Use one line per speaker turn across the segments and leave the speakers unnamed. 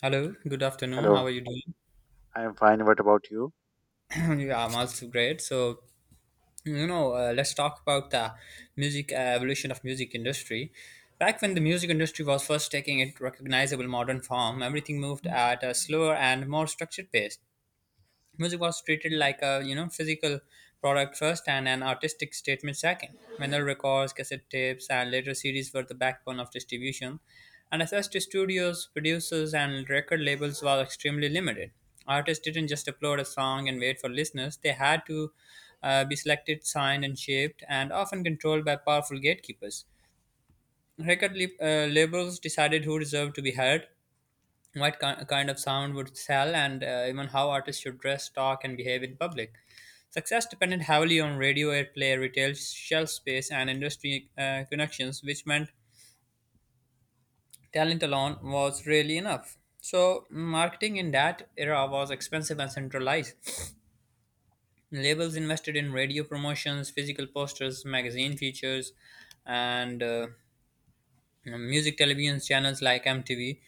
Hello, good afternoon. How are
Hello,
you doing?
I am fine. What about you?
Yeah, I'm also great. Let's talk about the music evolution of music industry. Back when the music industry was first taking its recognizable modern form, everything moved at a slower and more structured pace. Music was treated like a physical product first and an artistic statement second. Vinyl records, cassette tapes, and later CDs were the backbone of distribution, and access to studios, producers, and record labels was extremely limited. Artists didn't just upload a song and wait for listeners; they had to be selected, signed, and shaped, and often controlled by powerful gatekeepers. Labels decided who deserved to be heard, kind of sound would sell, and even how artists should dress, talk, and behave in public. Success depended heavily on radio airplay, retail shelf space, and industry connections, which meant talent alone was rarely enough. So, marketing in that era was expensive and centralized. Labels invested in radio promotions, physical posters, magazine features, and music television channels like MTV.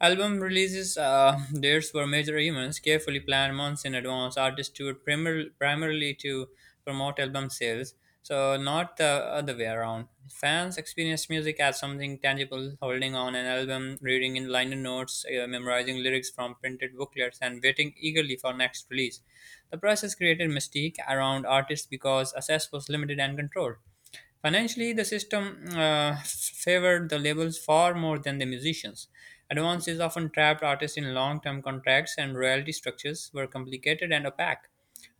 Album releases dates were major events, carefully planned months in advance. Artists toured primarily to promote album sales, so not the other way around. Fans experience music as something tangible, holding on an album, reading in liner notes, memorizing lyrics from printed booklets, and waiting eagerly for next release. The process created mystique around artists because access was limited and controlled. Financially, the system favored the labels far more than the musicians. Advances often trapped artists in long term contracts, and royalty structures were complicated and opaque.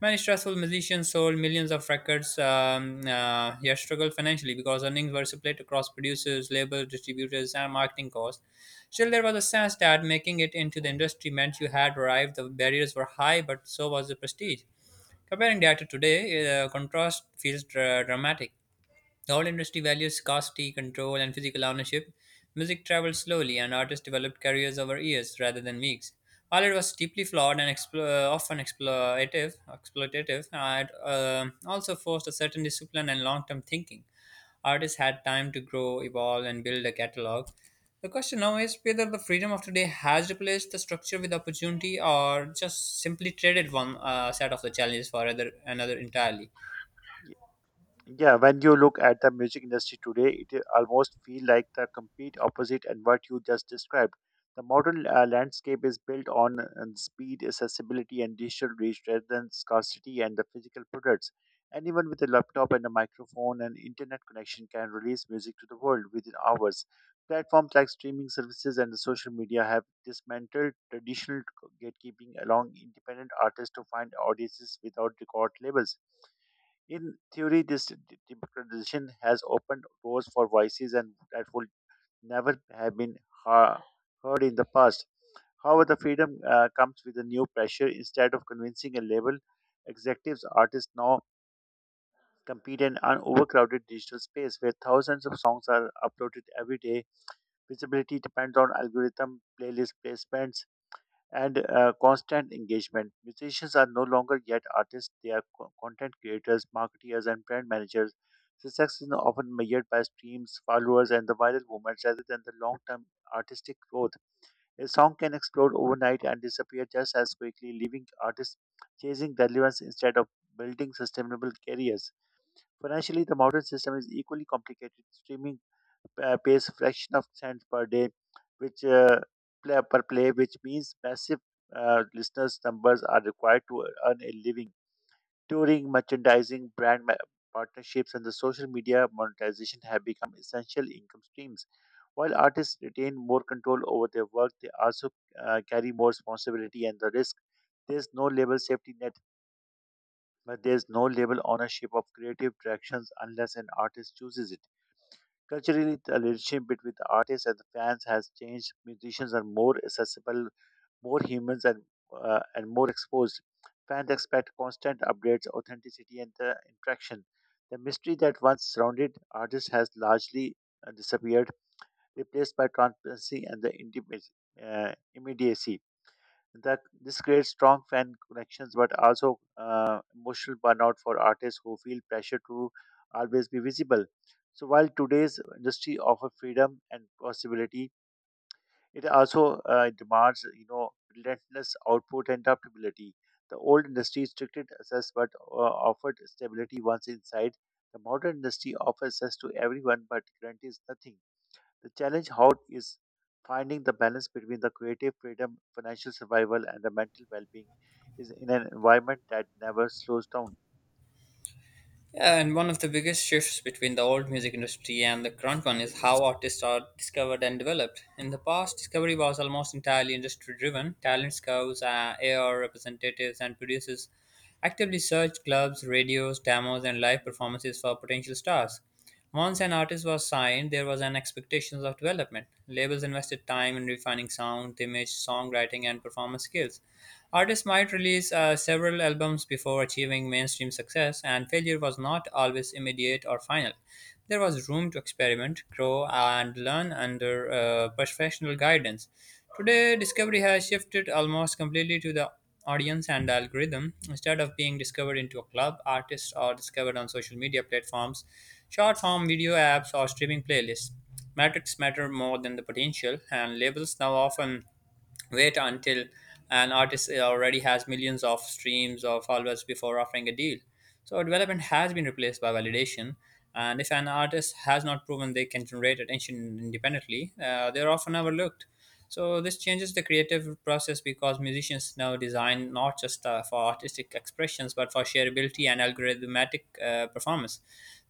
Many stressful musicians sold millions of records, yet struggled financially because earnings were split across producers, labels, distributors, and marketing costs. Still, there was a sense that making it into the industry meant you had arrived. The barriers were high, but so was the prestige. Comparing that to today, contrast feels dramatic. The All industry values scarcity, control, and physical ownership. Music traveled slowly, and artists developed careers over years rather than weeks. While it was deeply flawed and often exploitative, it also forced a certain discipline and long-term thinking. Artists had time to grow, evolve, and build a catalog. The question now is whether the freedom of today has replaced the structure with opportunity, or just simply traded one set of the challenges for another entirely.
Yeah, when you look at the music industry today, it almost feel like the complete opposite and what you just described. The modern landscape is built on speed, accessibility, and digital reach rather than scarcity and the physical products. Anyone with a laptop and a microphone and internet connection can release music to the world within hours. Platforms like streaming services and social media have dismantled traditional gatekeeping, allowing independent artists to find audiences without record labels. In theory, this democratization has opened doors for voices and that would never have been ha- heard in the past. However, the freedom comes with a new pressure. Instead of convincing a label, executives, artists now compete in an overcrowded digital space where thousands of songs are uploaded every day. Visibility depends on algorithm, playlist placements, and constant engagement. Musicians are no longer yet artists, they are content creators, marketeers, and brand managers. Success is often measured by streams, followers, and the viral moments rather than the long term artistic growth. A song can explode overnight and disappear just as quickly, leaving artists chasing relevance instead of building sustainable careers. Financially, the modern system is equally complicated. Streaming pays fraction of cents per day, which play, per play, which means massive listeners numbers are required to earn a living. Touring, merchandising, partnerships, and the social media monetization have become essential income streams. While artists retain more control over their work, they also carry more responsibility and the risk. There's no label safety net but there's no label ownership of creative directions unless an artist chooses it. Culturally, the relationship between the artist and the fans has changed. Musicians are more accessible, more humans, and more exposed. Fans expect constant updates, authenticity, and the interaction. The mystery that once surrounded artists has largely disappeared, replaced by transparency and the intimate, immediacy. That this creates strong fan connections, but also emotional burnout for artists who feel pressure to always be visible. So while today's industry offers freedom and possibility, it also demands relentless output and adaptability. The old industry restricted access but offered stability once inside. The modern industry offers access to everyone but guarantees nothing. The challenge how is finding the balance between the creative freedom, financial survival, and the mental well-being is in an environment that never slows down.
Yeah, and one of the biggest shifts between the old music industry and the current one is how artists are discovered and developed. In the past, discovery was almost entirely industry driven. Talent scouts, AR representatives, and producers actively searched clubs, radios, demos, and live performances for potential stars. Once an artist was signed, there was an expectation of development. Labels invested time in refining sound, image, songwriting, and performance skills. Artists might release several albums before achieving mainstream success, and failure was not always immediate or final. There was room to experiment, grow, and learn under professional guidance. Today, discovery has shifted almost completely to the audience and algorithm. Instead of being discovered into a club, artists are discovered on social media platforms, short form video apps, or streaming playlists. Metrics matter more than the potential, and labels now often wait until an artist already has millions of streams or followers before offering a deal. So development has been replaced by validation, and if an artist has not proven they can generate attention independently, they are often overlooked. So this changes the creative process because musicians now design not just for artistic expressions but for shareability and algorithmic performance.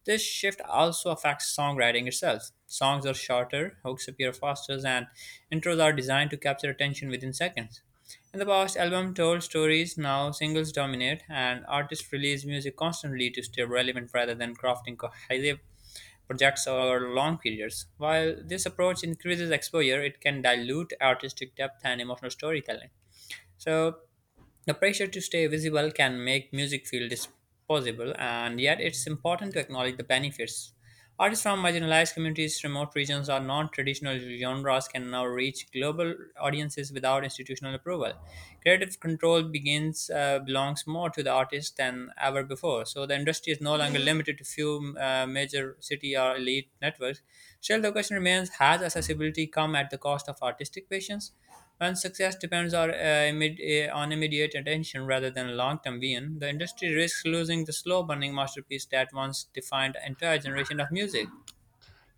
This shift also affects songwriting itself. Songs are shorter, hooks appear faster, and intros are designed to capture attention within seconds. In the past, albums told stories, now singles dominate, and artists release music constantly to stay relevant rather than crafting cohesive projects over long periods. While this approach increases exposure, it can dilute artistic depth and emotional storytelling. So, the pressure to stay visible can make music feel disposable, and yet it's important to acknowledge the benefits. Artists from marginalized communities, remote regions, or non traditional genres can now reach global audiences without institutional approval. Creative control begins belongs more to the artist than ever before, so the industry is no longer limited to few major city or elite networks. Still, the question remains has accessibility come at the cost of artistic patience? And success depends on, on immediate attention rather than long-term vision. The industry risks losing the slow-burning masterpiece that once defined an entire generation of music.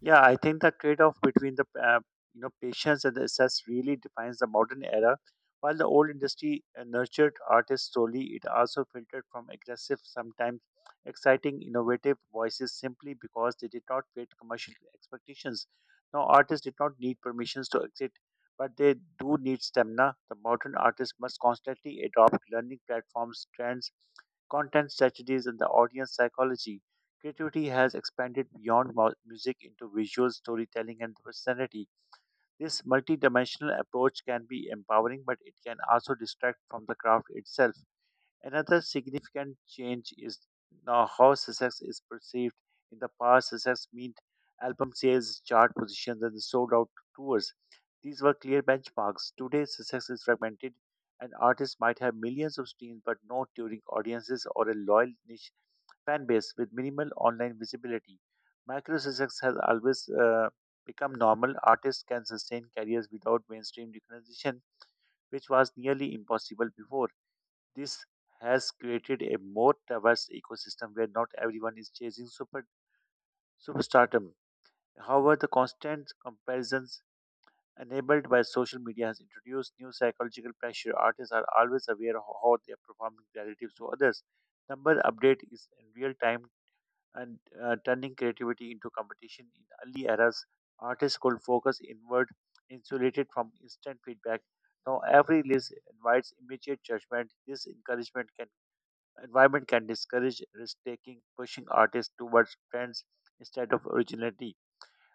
Yeah, I think the trade-off between the patience and the access really defines the modern era. While the old industry nurtured artists solely, it also filtered from aggressive, sometimes exciting, innovative voices simply because they did not fit commercial expectations. Now, artists did not need permissions to exit, but they do need stamina. The modern artist must constantly adopt learning platforms, trends, content strategies, and the audience psychology. Creativity has expanded beyond music into visual storytelling and personality. This multidimensional approach can be empowering, but it can also distract from the craft itself. Another significant change is now how success is perceived. In the past, success meant album sales, chart positions, and sold out tours. These were clear benchmarks. Today, success is fragmented. An artist might have millions of streams but no touring audiences or a loyal niche fan base with minimal online visibility. Micro success has always become normal. Artists can sustain careers without mainstream recognition, which was nearly impossible before. This has created a more diverse ecosystem where not everyone is chasing superstardom. However, the constant comparisons enabled by social media has introduced new psychological pressure. Artists are always aware of how they are performing relative to others. Number update is in real time and turning creativity into competition in early eras. Artists could focus inward, insulated from instant feedback. Now every list invites immediate judgment. This encouragement can environment can discourage risk taking, pushing artists towards trends instead of originality.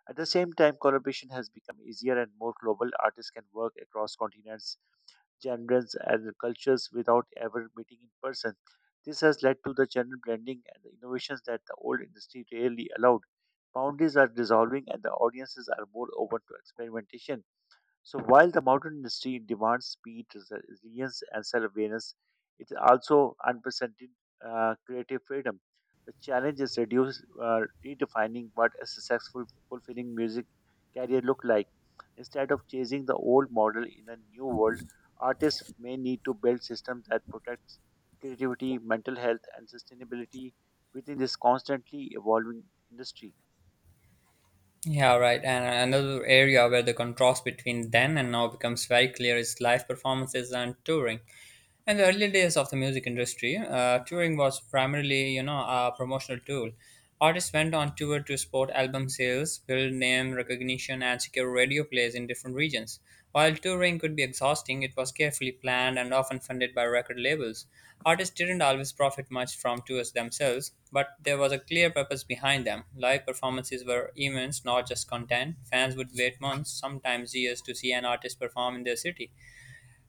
At the same time, collaboration has become easier and more global. Artists can work across continents, genres, and cultures without ever meeting in person. This has led to the general blending and the innovations that the old industry rarely allowed. Boundaries are dissolving, and the audiences are more open to experimentation. So while the modern industry demands speed, resilience, and self-awareness, it also unprecedented creative freedom. The challenge is redefining what a successful, fulfilling music career look like. Instead of chasing the old model in a new world, artists may need to build systems that protects creativity, mental health, and sustainability within this constantly evolving industry.
Yeah, right. And another area where the contrast between then and now becomes very clear is live performances and touring. In the early days of the music industry, touring was primarily, you know, a promotional tool. Artists went on tour to support album sales, build name recognition, and secure radio plays in different regions. While touring could be exhausting, it was carefully planned and often funded by record labels. Artists didn't always profit much from tours themselves, but there was a clear purpose behind them. Live performances were events, not just content. Fans would wait months, sometimes years, to see an artist perform in their city.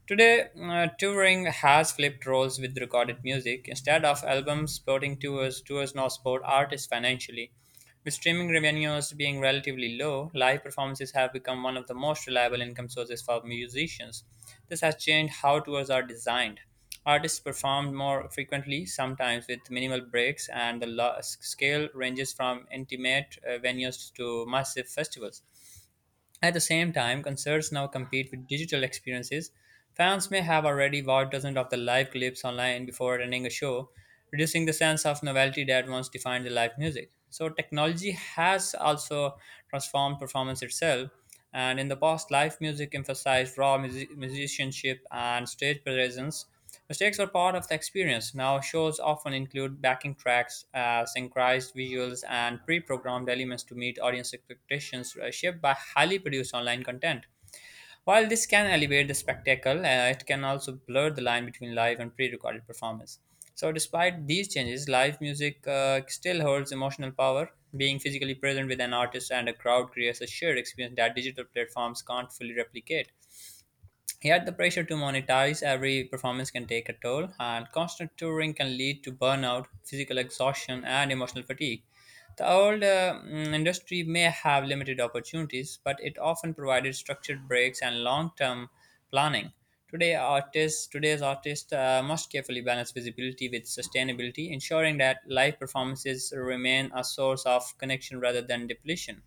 Today, touring has flipped roles with recorded music. Instead of albums supporting tours, tours now support artists financially. With streaming revenues being relatively low, live performances have become one of the most reliable income sources for musicians. This has changed how tours are designed. Artists perform more frequently, sometimes with minimal breaks, and the scale ranges from intimate venues to massive festivals. At the same time, concerts now compete with digital experiences. Fans may have already watched dozens of the live clips online before attending a show, reducing the sense of novelty that once defined the live music. So, technology has also transformed performance itself. And in the past, live music emphasized raw musicianship and stage presence. Mistakes are part of the experience. Now, shows often include backing tracks, synchronized visuals, and pre programmed elements to meet audience expectations shaped by highly produced online content. While this can elevate the spectacle, it can also blur the line between live and pre recorded performance. So, despite these changes, live music still holds emotional power. Being physically present with an artist and a crowd creates a shared experience that digital platforms can't fully replicate. Yet the pressure to monetize every performance can take a toll, and constant touring can lead to burnout, physical exhaustion, and emotional fatigue. The old industry may have limited opportunities, but it often provided structured breaks and long-term planning. Today's artists must carefully balance visibility with sustainability, ensuring that live performances remain a source of connection rather than depletion.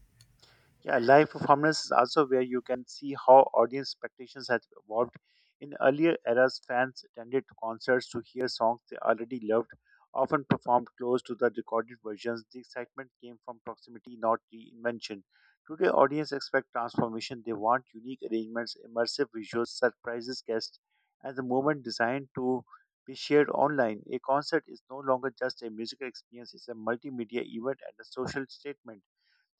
Yeah, live performance is also where you can see how audience expectations have evolved. In earlier eras, fans attended concerts to hear songs they already loved, often performed close to the recorded versions. The excitement came from proximity, not reinvention. Today, audience expect transformation. They want unique arrangements, immersive visuals, surprises, guests, and the moment designed to be shared online. A concert is no longer just a musical experience; it's a multimedia event and a social statement.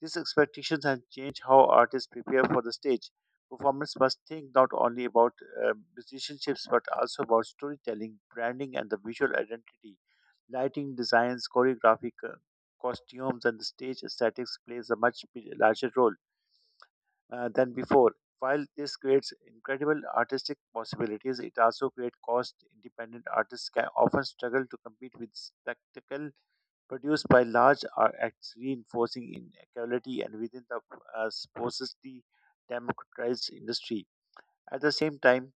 These expectations have changed how artists prepare for the stage. Performers must think not only about musicianships but also about storytelling, branding, and the visual identity. Lighting designs, choreography, costumes, and the stage aesthetics plays a much larger role than before. While this creates incredible artistic possibilities, it also creates cost. Independent artists can often struggle to compete with spectacle produced by large are acts reinforcing inequality and within the sparsely democratized industry. At the same time,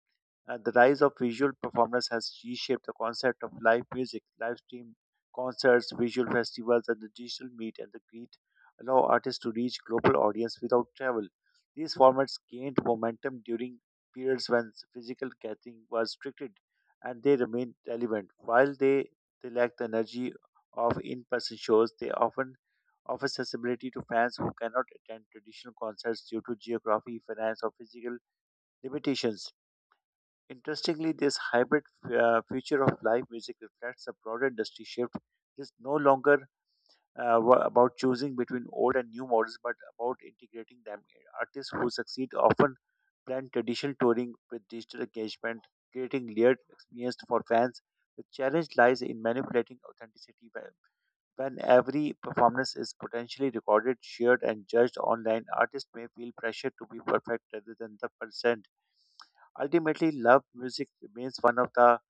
the rise of visual performance has reshaped the concept of live music. Live stream concerts, visual festivals, and the digital meet and the greet allow artists to reach global audience without travel. These formats gained momentum during periods when physical gathering was restricted, and they remain relevant. They lack the energy of in-person shows, they often offer accessibility to fans who cannot attend traditional concerts due to geography, finance, or physical limitations. Interestingly, this hybrid future of live music reflects a broader industry shift. It is no longer about choosing between old and new models, but about integrating them. Artists who succeed often blend traditional touring with digital engagement, creating layered experience for fans. The challenge lies in manipulating authenticity when every performance is potentially recorded, shared, and judged online. Artists may feel pressure to be perfect rather than the person. Ultimately, love music remains one of the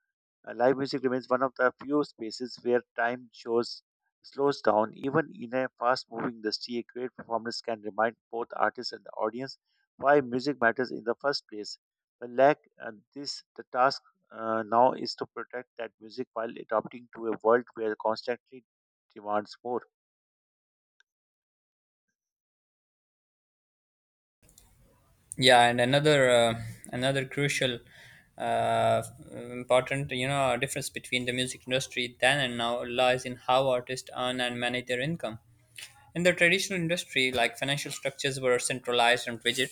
live music remains one of the few spaces where time shows slows down. Even in a fast-moving industry, a great performance can remind both artists and the audience why music matters in the first place. The lack this the task now is to protect that music while adapting to a world where constantly demands more.
Yeah and another Another crucial uh, important you know difference between the music industry then and now lies in how artists earn and manage their income in the traditional industry like financial structures were centralized and rigid.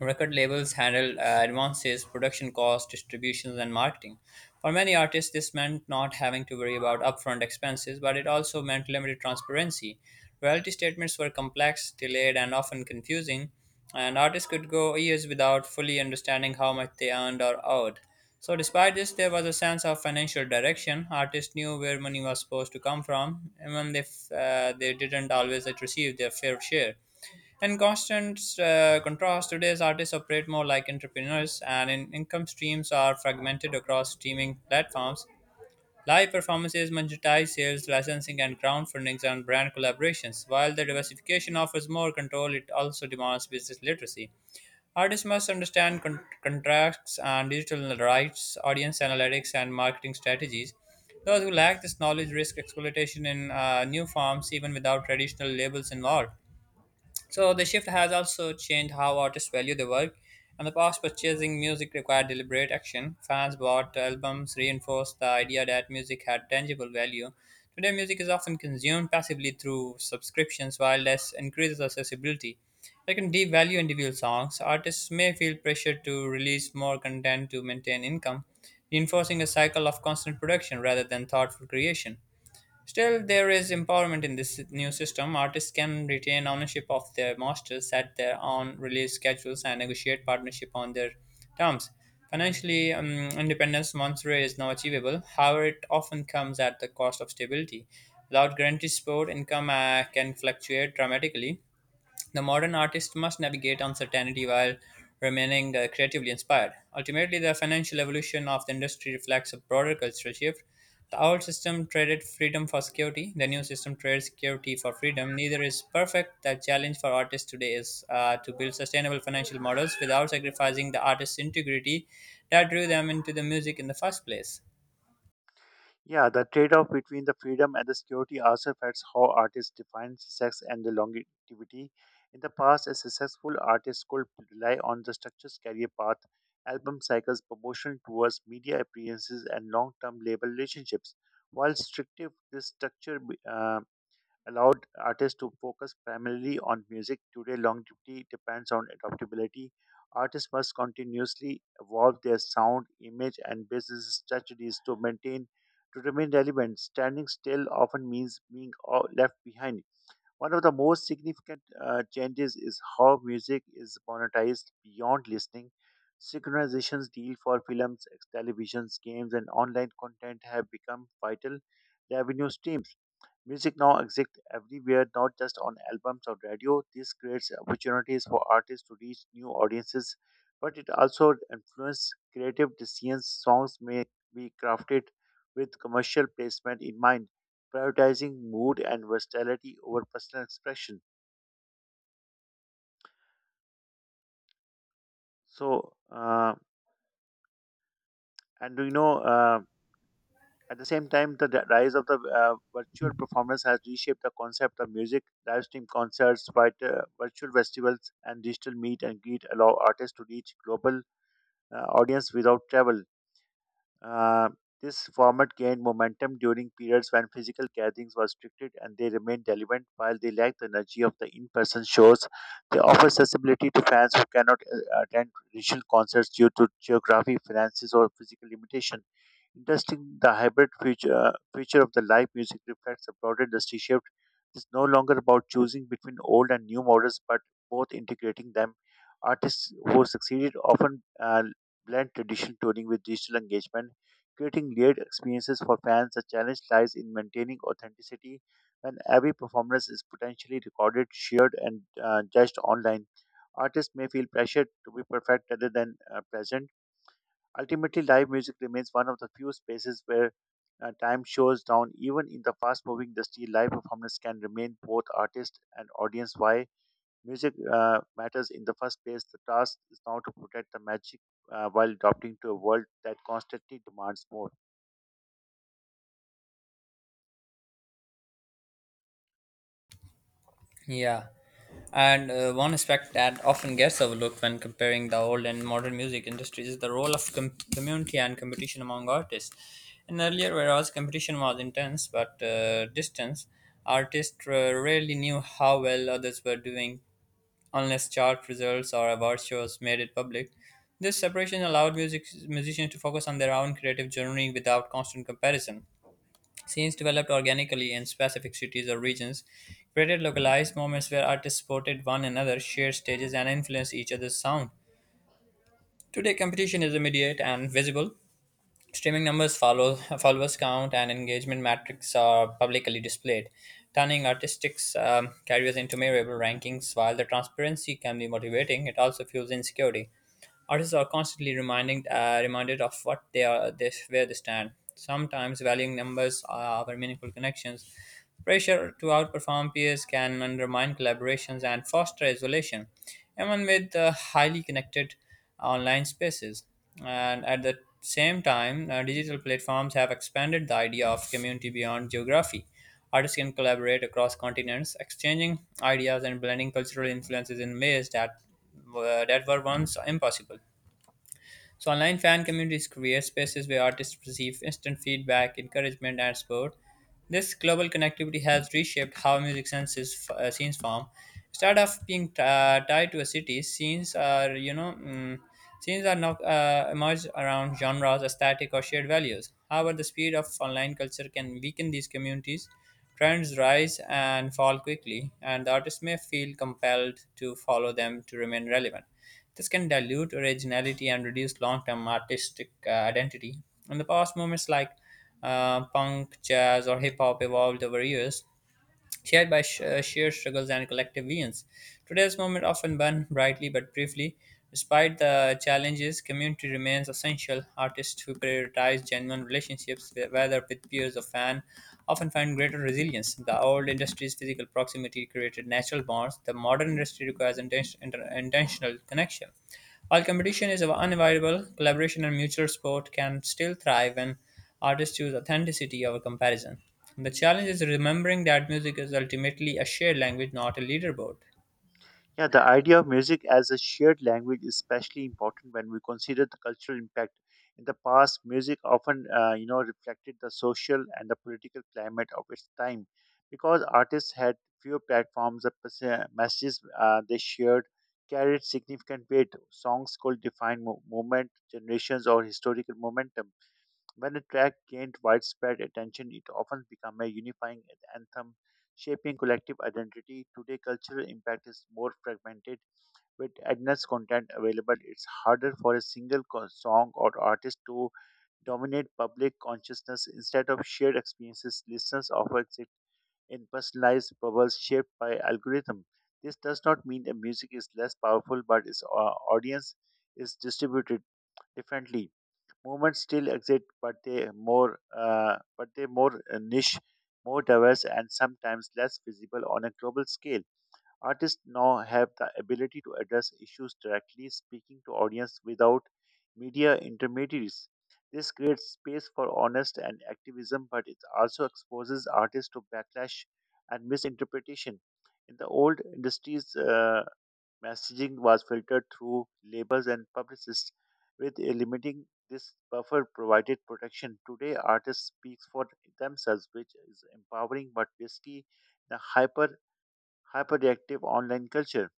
Record labels handled advances, production costs, distributions, and marketing. For many artists, this meant not having to worry about upfront expenses, but it also meant limited transparency. Royalty statements were complex, delayed, and often confusing, and artists could go years without fully understanding how much they earned or owed. So, despite this, there was a sense of financial direction. Artists knew where money was supposed to come from, even if they didn't always receive their fair share. In constant contrast, today's artists operate more like entrepreneurs, and in income streams are fragmented across streaming platforms. Live performances monetize sales, licensing, and ground and brand collaborations. While the diversification offers more control, it also demands business literacy. Artists must understand contracts and digital rights, audience analytics, and marketing strategies. Those who lack this knowledge risk exploitation in new forms, even without traditional labels involved. So the shift has also changed how artists value their work. In the past, purchasing music required deliberate action. Fans bought albums, reinforced the idea that music had tangible value. Today, music is often consumed passively through subscriptions, while this increases accessibility. They can devalue individual songs. Artists may feel pressure to release more content to maintain income, reinforcing a cycle of constant production rather than thoughtful creation. Still, there is empowerment in this new system. Artists can retain ownership of their masters, set their own release schedules, and negotiate partnership on their terms. Financially, independence Monterey is now achievable. However, it often comes at the cost of stability. Without guaranteed support, income can fluctuate dramatically. The modern artist must navigate uncertainty while remaining creatively inspired. Ultimately, the financial evolution of the industry reflects a broader cultural shift. The old system traded freedom for security, the new system trades security for freedom. Neither is perfect. The challenge for artists today is to build sustainable financial models without sacrificing the artist's integrity that drew them into the music in the first place.
Yeah, the trade off between the freedom and the security also affects how artists define success and the longevity. In the past, a successful artist could rely on the structured career path, album cycles, promotion towards media appearances, and long term label relationships. While strictive, this structure uh, allowed artists to focus primarily on music. Today, longevity depends on adaptability. Artists must continuously evolve their sound, image, and business strategies to maintain to remain relevant. Standing still often means being left behind. One of the most significant changes is how music is monetized beyond listening. Synchronizations deal for films, televisions, games, and online content have become vital revenue streams. Music now exists everywhere, not just on albums or radio. This creates opportunities for artists to reach new audiences, but it also influences creative decisions. Songs may be crafted with commercial placement in mind, prioritizing mood and versatility over personal expression. So, and do you know, At the same time, the rise of the virtual performance has reshaped the concept of music. Live stream concerts, virtual festivals, and digital meet and greet allow artists to reach global audience without travel. Uh, this format gained momentum during periods when physical gatherings were restricted and they remained relevant while they lack the energy of the in-person shows. They offer accessibility to fans who cannot attend traditional concerts due to geography, finances, or physical limitation. Interesting, the hybrid feature of the live music reflects a broader industry shift. It's no longer about choosing between old and new models, but both integrating them. Artists who succeeded often blend traditional touring with digital engagement, creating layered experiences for fans. The challenge lies in maintaining authenticity when every performance is potentially recorded, shared, and judged online. Artists may feel pressured to be perfect rather than present. Ultimately, live music remains one of the few spaces where time shows down. Even in the fast moving industry, live performance can remain both artist and audience. Why music matters in the first place, the task is now to protect the magic while adapting to a world that constantly demands more.
Yeah, and one aspect that often gets overlooked when comparing the old and modern music industries is the role of community and competition among artists. In earlier whereas competition was intense but distant, artists rarely knew how well others were doing unless chart results or award shows made it public. This separation allowed musicians to focus on their own creative journey without constant comparison. Scenes developed organically in specific cities or regions, created localized moments where artists supported one another, shared stages, and influenced each other's sound. Today, competition is immediate and visible. Streaming numbers, followers count, and engagement metrics are publicly displayed, turning artistic careers into measurable rankings. While the transparency can be motivating, it also fuels insecurity. Artists are constantly reminded of what where they stand. Sometimes valuing numbers over meaningful connections. Pressure to outperform peers can undermine collaborations and foster isolation, even with highly connected online spaces. And at the same time, digital platforms have expanded the idea of community beyond geography. Artists can collaborate across continents, exchanging ideas and blending cultural influences in ways that were once impossible. So, online fan communities create spaces where artists receive instant feedback, encouragement, and support. This global connectivity has reshaped how music senses scenes form. Instead of being tied to a city, scenes are you know mm, scenes are now emerge around genres, aesthetic, or shared values. However, the speed of online culture can weaken these communities. Trends rise and fall quickly, and the artist may feel compelled to follow them to remain relevant. This can dilute originality and reduce long term artistic identity. In the past, movements like punk, jazz, or hip hop evolved over years, shared by shared struggles and collective visions. Today's moment often burns brightly but briefly. Despite the challenges, community remains essential. Artists who prioritize genuine relationships, whether with peers or fans, often find greater resilience. The old industry's physical proximity created natural bonds. The modern industry requires intentional connection. While competition is unavoidable, collaboration and mutual support can still thrive when artists choose authenticity over comparison. The challenge is remembering that music is ultimately a shared language, not a leaderboard.
Yeah, the idea of music as a shared language is especially important when we consider the cultural impact. In the past, music often, reflected the social and the political climate of its time, because artists had few platforms. The messages they shared carried significant weight. Songs could define movement, generations, or historical momentum. When a track gained widespread attention, it often became a unifying anthem, shaping collective identity. Today, cultural impact is more fragmented. With endless content available, it's harder for a single song or artist to dominate public consciousness. Instead of shared experiences, listeners often exist in personalized bubbles shaped by algorithm. This does not mean the music is less powerful, but its audience is distributed differently. Movements still exist, but they more niche, more diverse, and sometimes less visible on a global scale. Artists now have the ability to address issues directly, speaking to audience without media intermediaries. This creates space for honest and activism, but it also exposes artists to backlash and misinterpretation. In the old industries, messaging was filtered through labels and publicists, with limiting this buffer provided protection. Today, artists speak for themselves, which is empowering but risky in a hyperreactive online culture.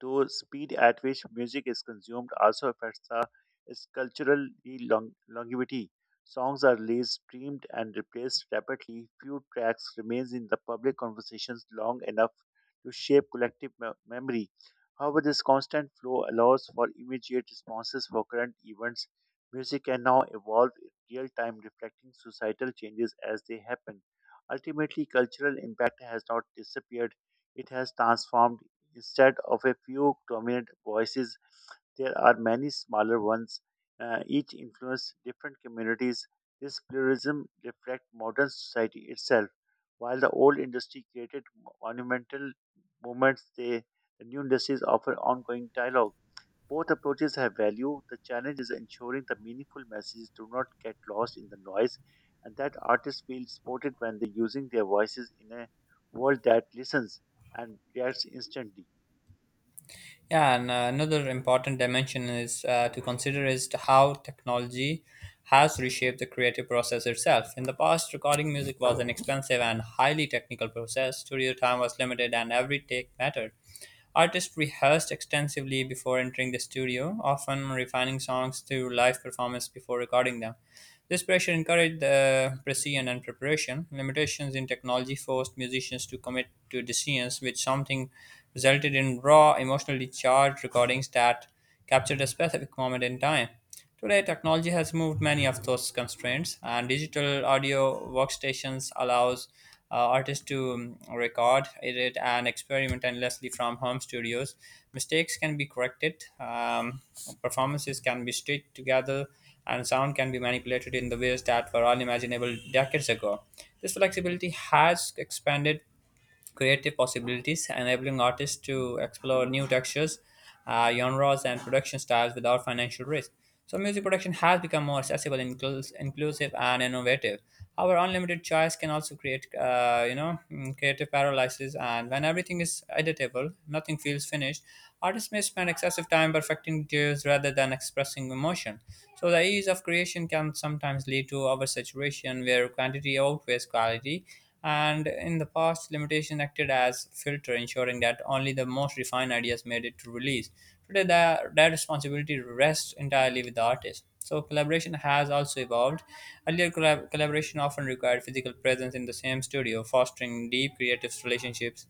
Though speed at which music is consumed also affects the its cultural longevity. Songs are released, streamed, and replaced rapidly. Few tracks remains in the public conversations long enough to shape collective memory. However, this constant flow allows for immediate responses for current events. Music can now evolve in real time, reflecting societal changes as they happen. Ultimately, cultural impact has not disappeared; it has transformed. Instead of a few dominant voices, there are many smaller ones, each influence different communities. This pluralism reflects modern society itself. While the old industry created monumental movements, the new industries offer ongoing dialogue. Both approaches have value. The challenge is ensuring the meaningful messages do not get lost in the noise and that artists feel supported when they're using their voices in a world that listens and reacts instantly.
Yeah, and another important dimension is to consider is to how technology has reshaped the creative process itself. In the past, recording music was an expensive and highly technical process. Studio time was limited, and every take mattered. Artists rehearsed extensively before entering the studio, often refining songs through live performance before recording them. This pressure encouraged the precision and preparation. Limitations in technology forced musicians to commit to decisions which something resulted in raw, emotionally charged recordings that captured a specific moment in time. Today, technology has moved many of those constraints, and digital audio workstations allows artists to record, edit, and experiment endlessly from home studios. Mistakes can be corrected, performances can be stitched together, and sound can be manipulated in the ways that were unimaginable decades ago. This flexibility has expanded creative possibilities, enabling artists to explore new textures, genres, and production styles without financial risk. So, music production has become more accessible, inclusive, and innovative. However, unlimited choice can also create creative paralysis. And when everything is editable, nothing feels finished. Artists may spend excessive time perfecting details rather than expressing emotion. So the ease of creation can sometimes lead to oversaturation, where quantity outweighs quality, and in the past, limitation acted as filter, ensuring that only the most refined ideas made it to release. Today, that responsibility rests entirely with the artist. So collaboration has also evolved. Earlier, collaboration often required physical presence in the same studio, fostering deep creative relationships.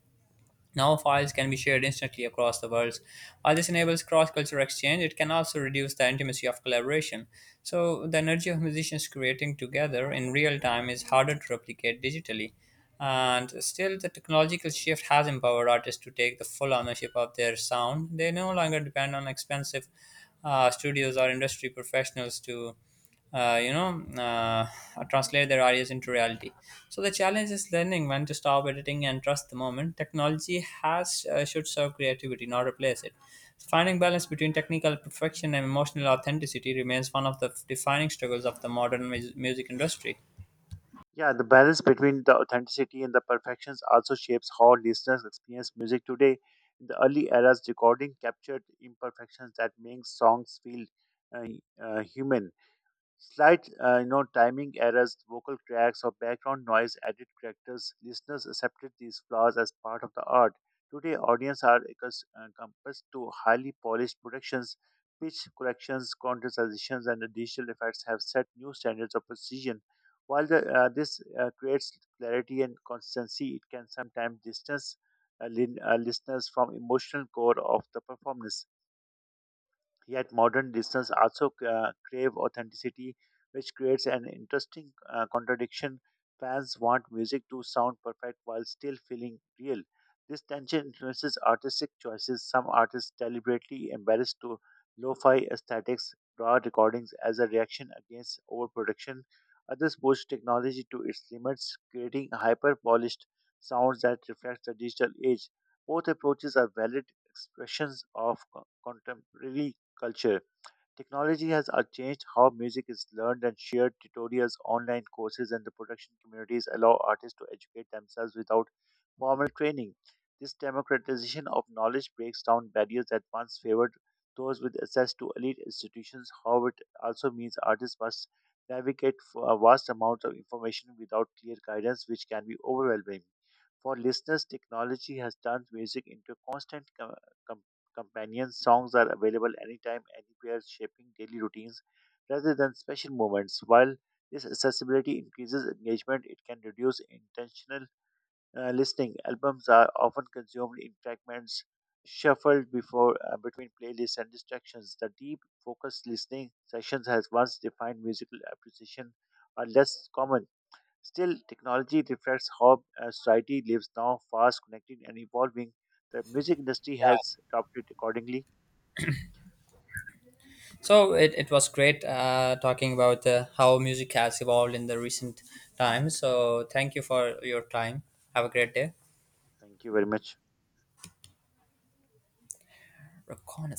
Now, files can be shared instantly across the world. While this enables cross cultural exchange, it can also reduce the intimacy of collaboration. So, the energy of musicians creating together in real time is harder to replicate digitally. And still, the technological shift has empowered artists to take the full ownership of their sound. They no longer depend on expensive studios or industry professionals to uh, you know, uh, translate their ideas into reality. So the challenge is learning when to stop editing and trust the moment. Technology has should serve creativity, not replace it. So finding balance between technical perfection and emotional authenticity remains one of the defining struggles of the modern music industry.
Yeah, the balance between the authenticity and the perfections also shapes how listeners experience music today. In the early eras, recording captured imperfections that makes songs feel uh, human. Slight, timing errors, vocal cracks, or background noise added characters. Listeners accepted these flaws as part of the art. Today, audience are compassed to highly polished productions. Pitch corrections, contrastions, and the digital effects have set new standards of precision. While the, this creates clarity and consistency, it can sometimes distance listeners from emotional core of the performance. Yet modern listeners also crave authenticity, which creates an interesting contradiction. Fans want music to sound perfect while still feeling real. This tension influences artistic choices. Some artists deliberately embrace to lo-fi aesthetics, raw recordings as a reaction against overproduction. Others push technology to its limits, creating hyper-polished sounds that reflect the digital age. Both approaches are valid expressions of contemporary culture. Technology has changed how music is learned and shared. Tutorials, online courses, and the production communities allow artists to educate themselves without formal training. This democratization of knowledge breaks down barriers that once favored those with access to elite institutions. However, it also means artists must navigate for a vast amount of information without clear guidance, which can be overwhelming. For listeners, technology has turned music into a constant Companion songs are available anytime, anywhere, shaping daily routines rather than special moments. While this accessibility increases engagement, it can reduce intentional listening. Albums are often consumed in fragments, shuffled before between playlists and distractions. The deep, focused listening sessions has once defined musical appreciation are less common. Still, technology reflects how society lives now, fast, connected, and evolving. The music industry
Yeah.
has adopted accordingly.
So it was great talking about how music has evolved in the recent times. So thank you for your time. Have a great day.
Thank you very much.
Recon-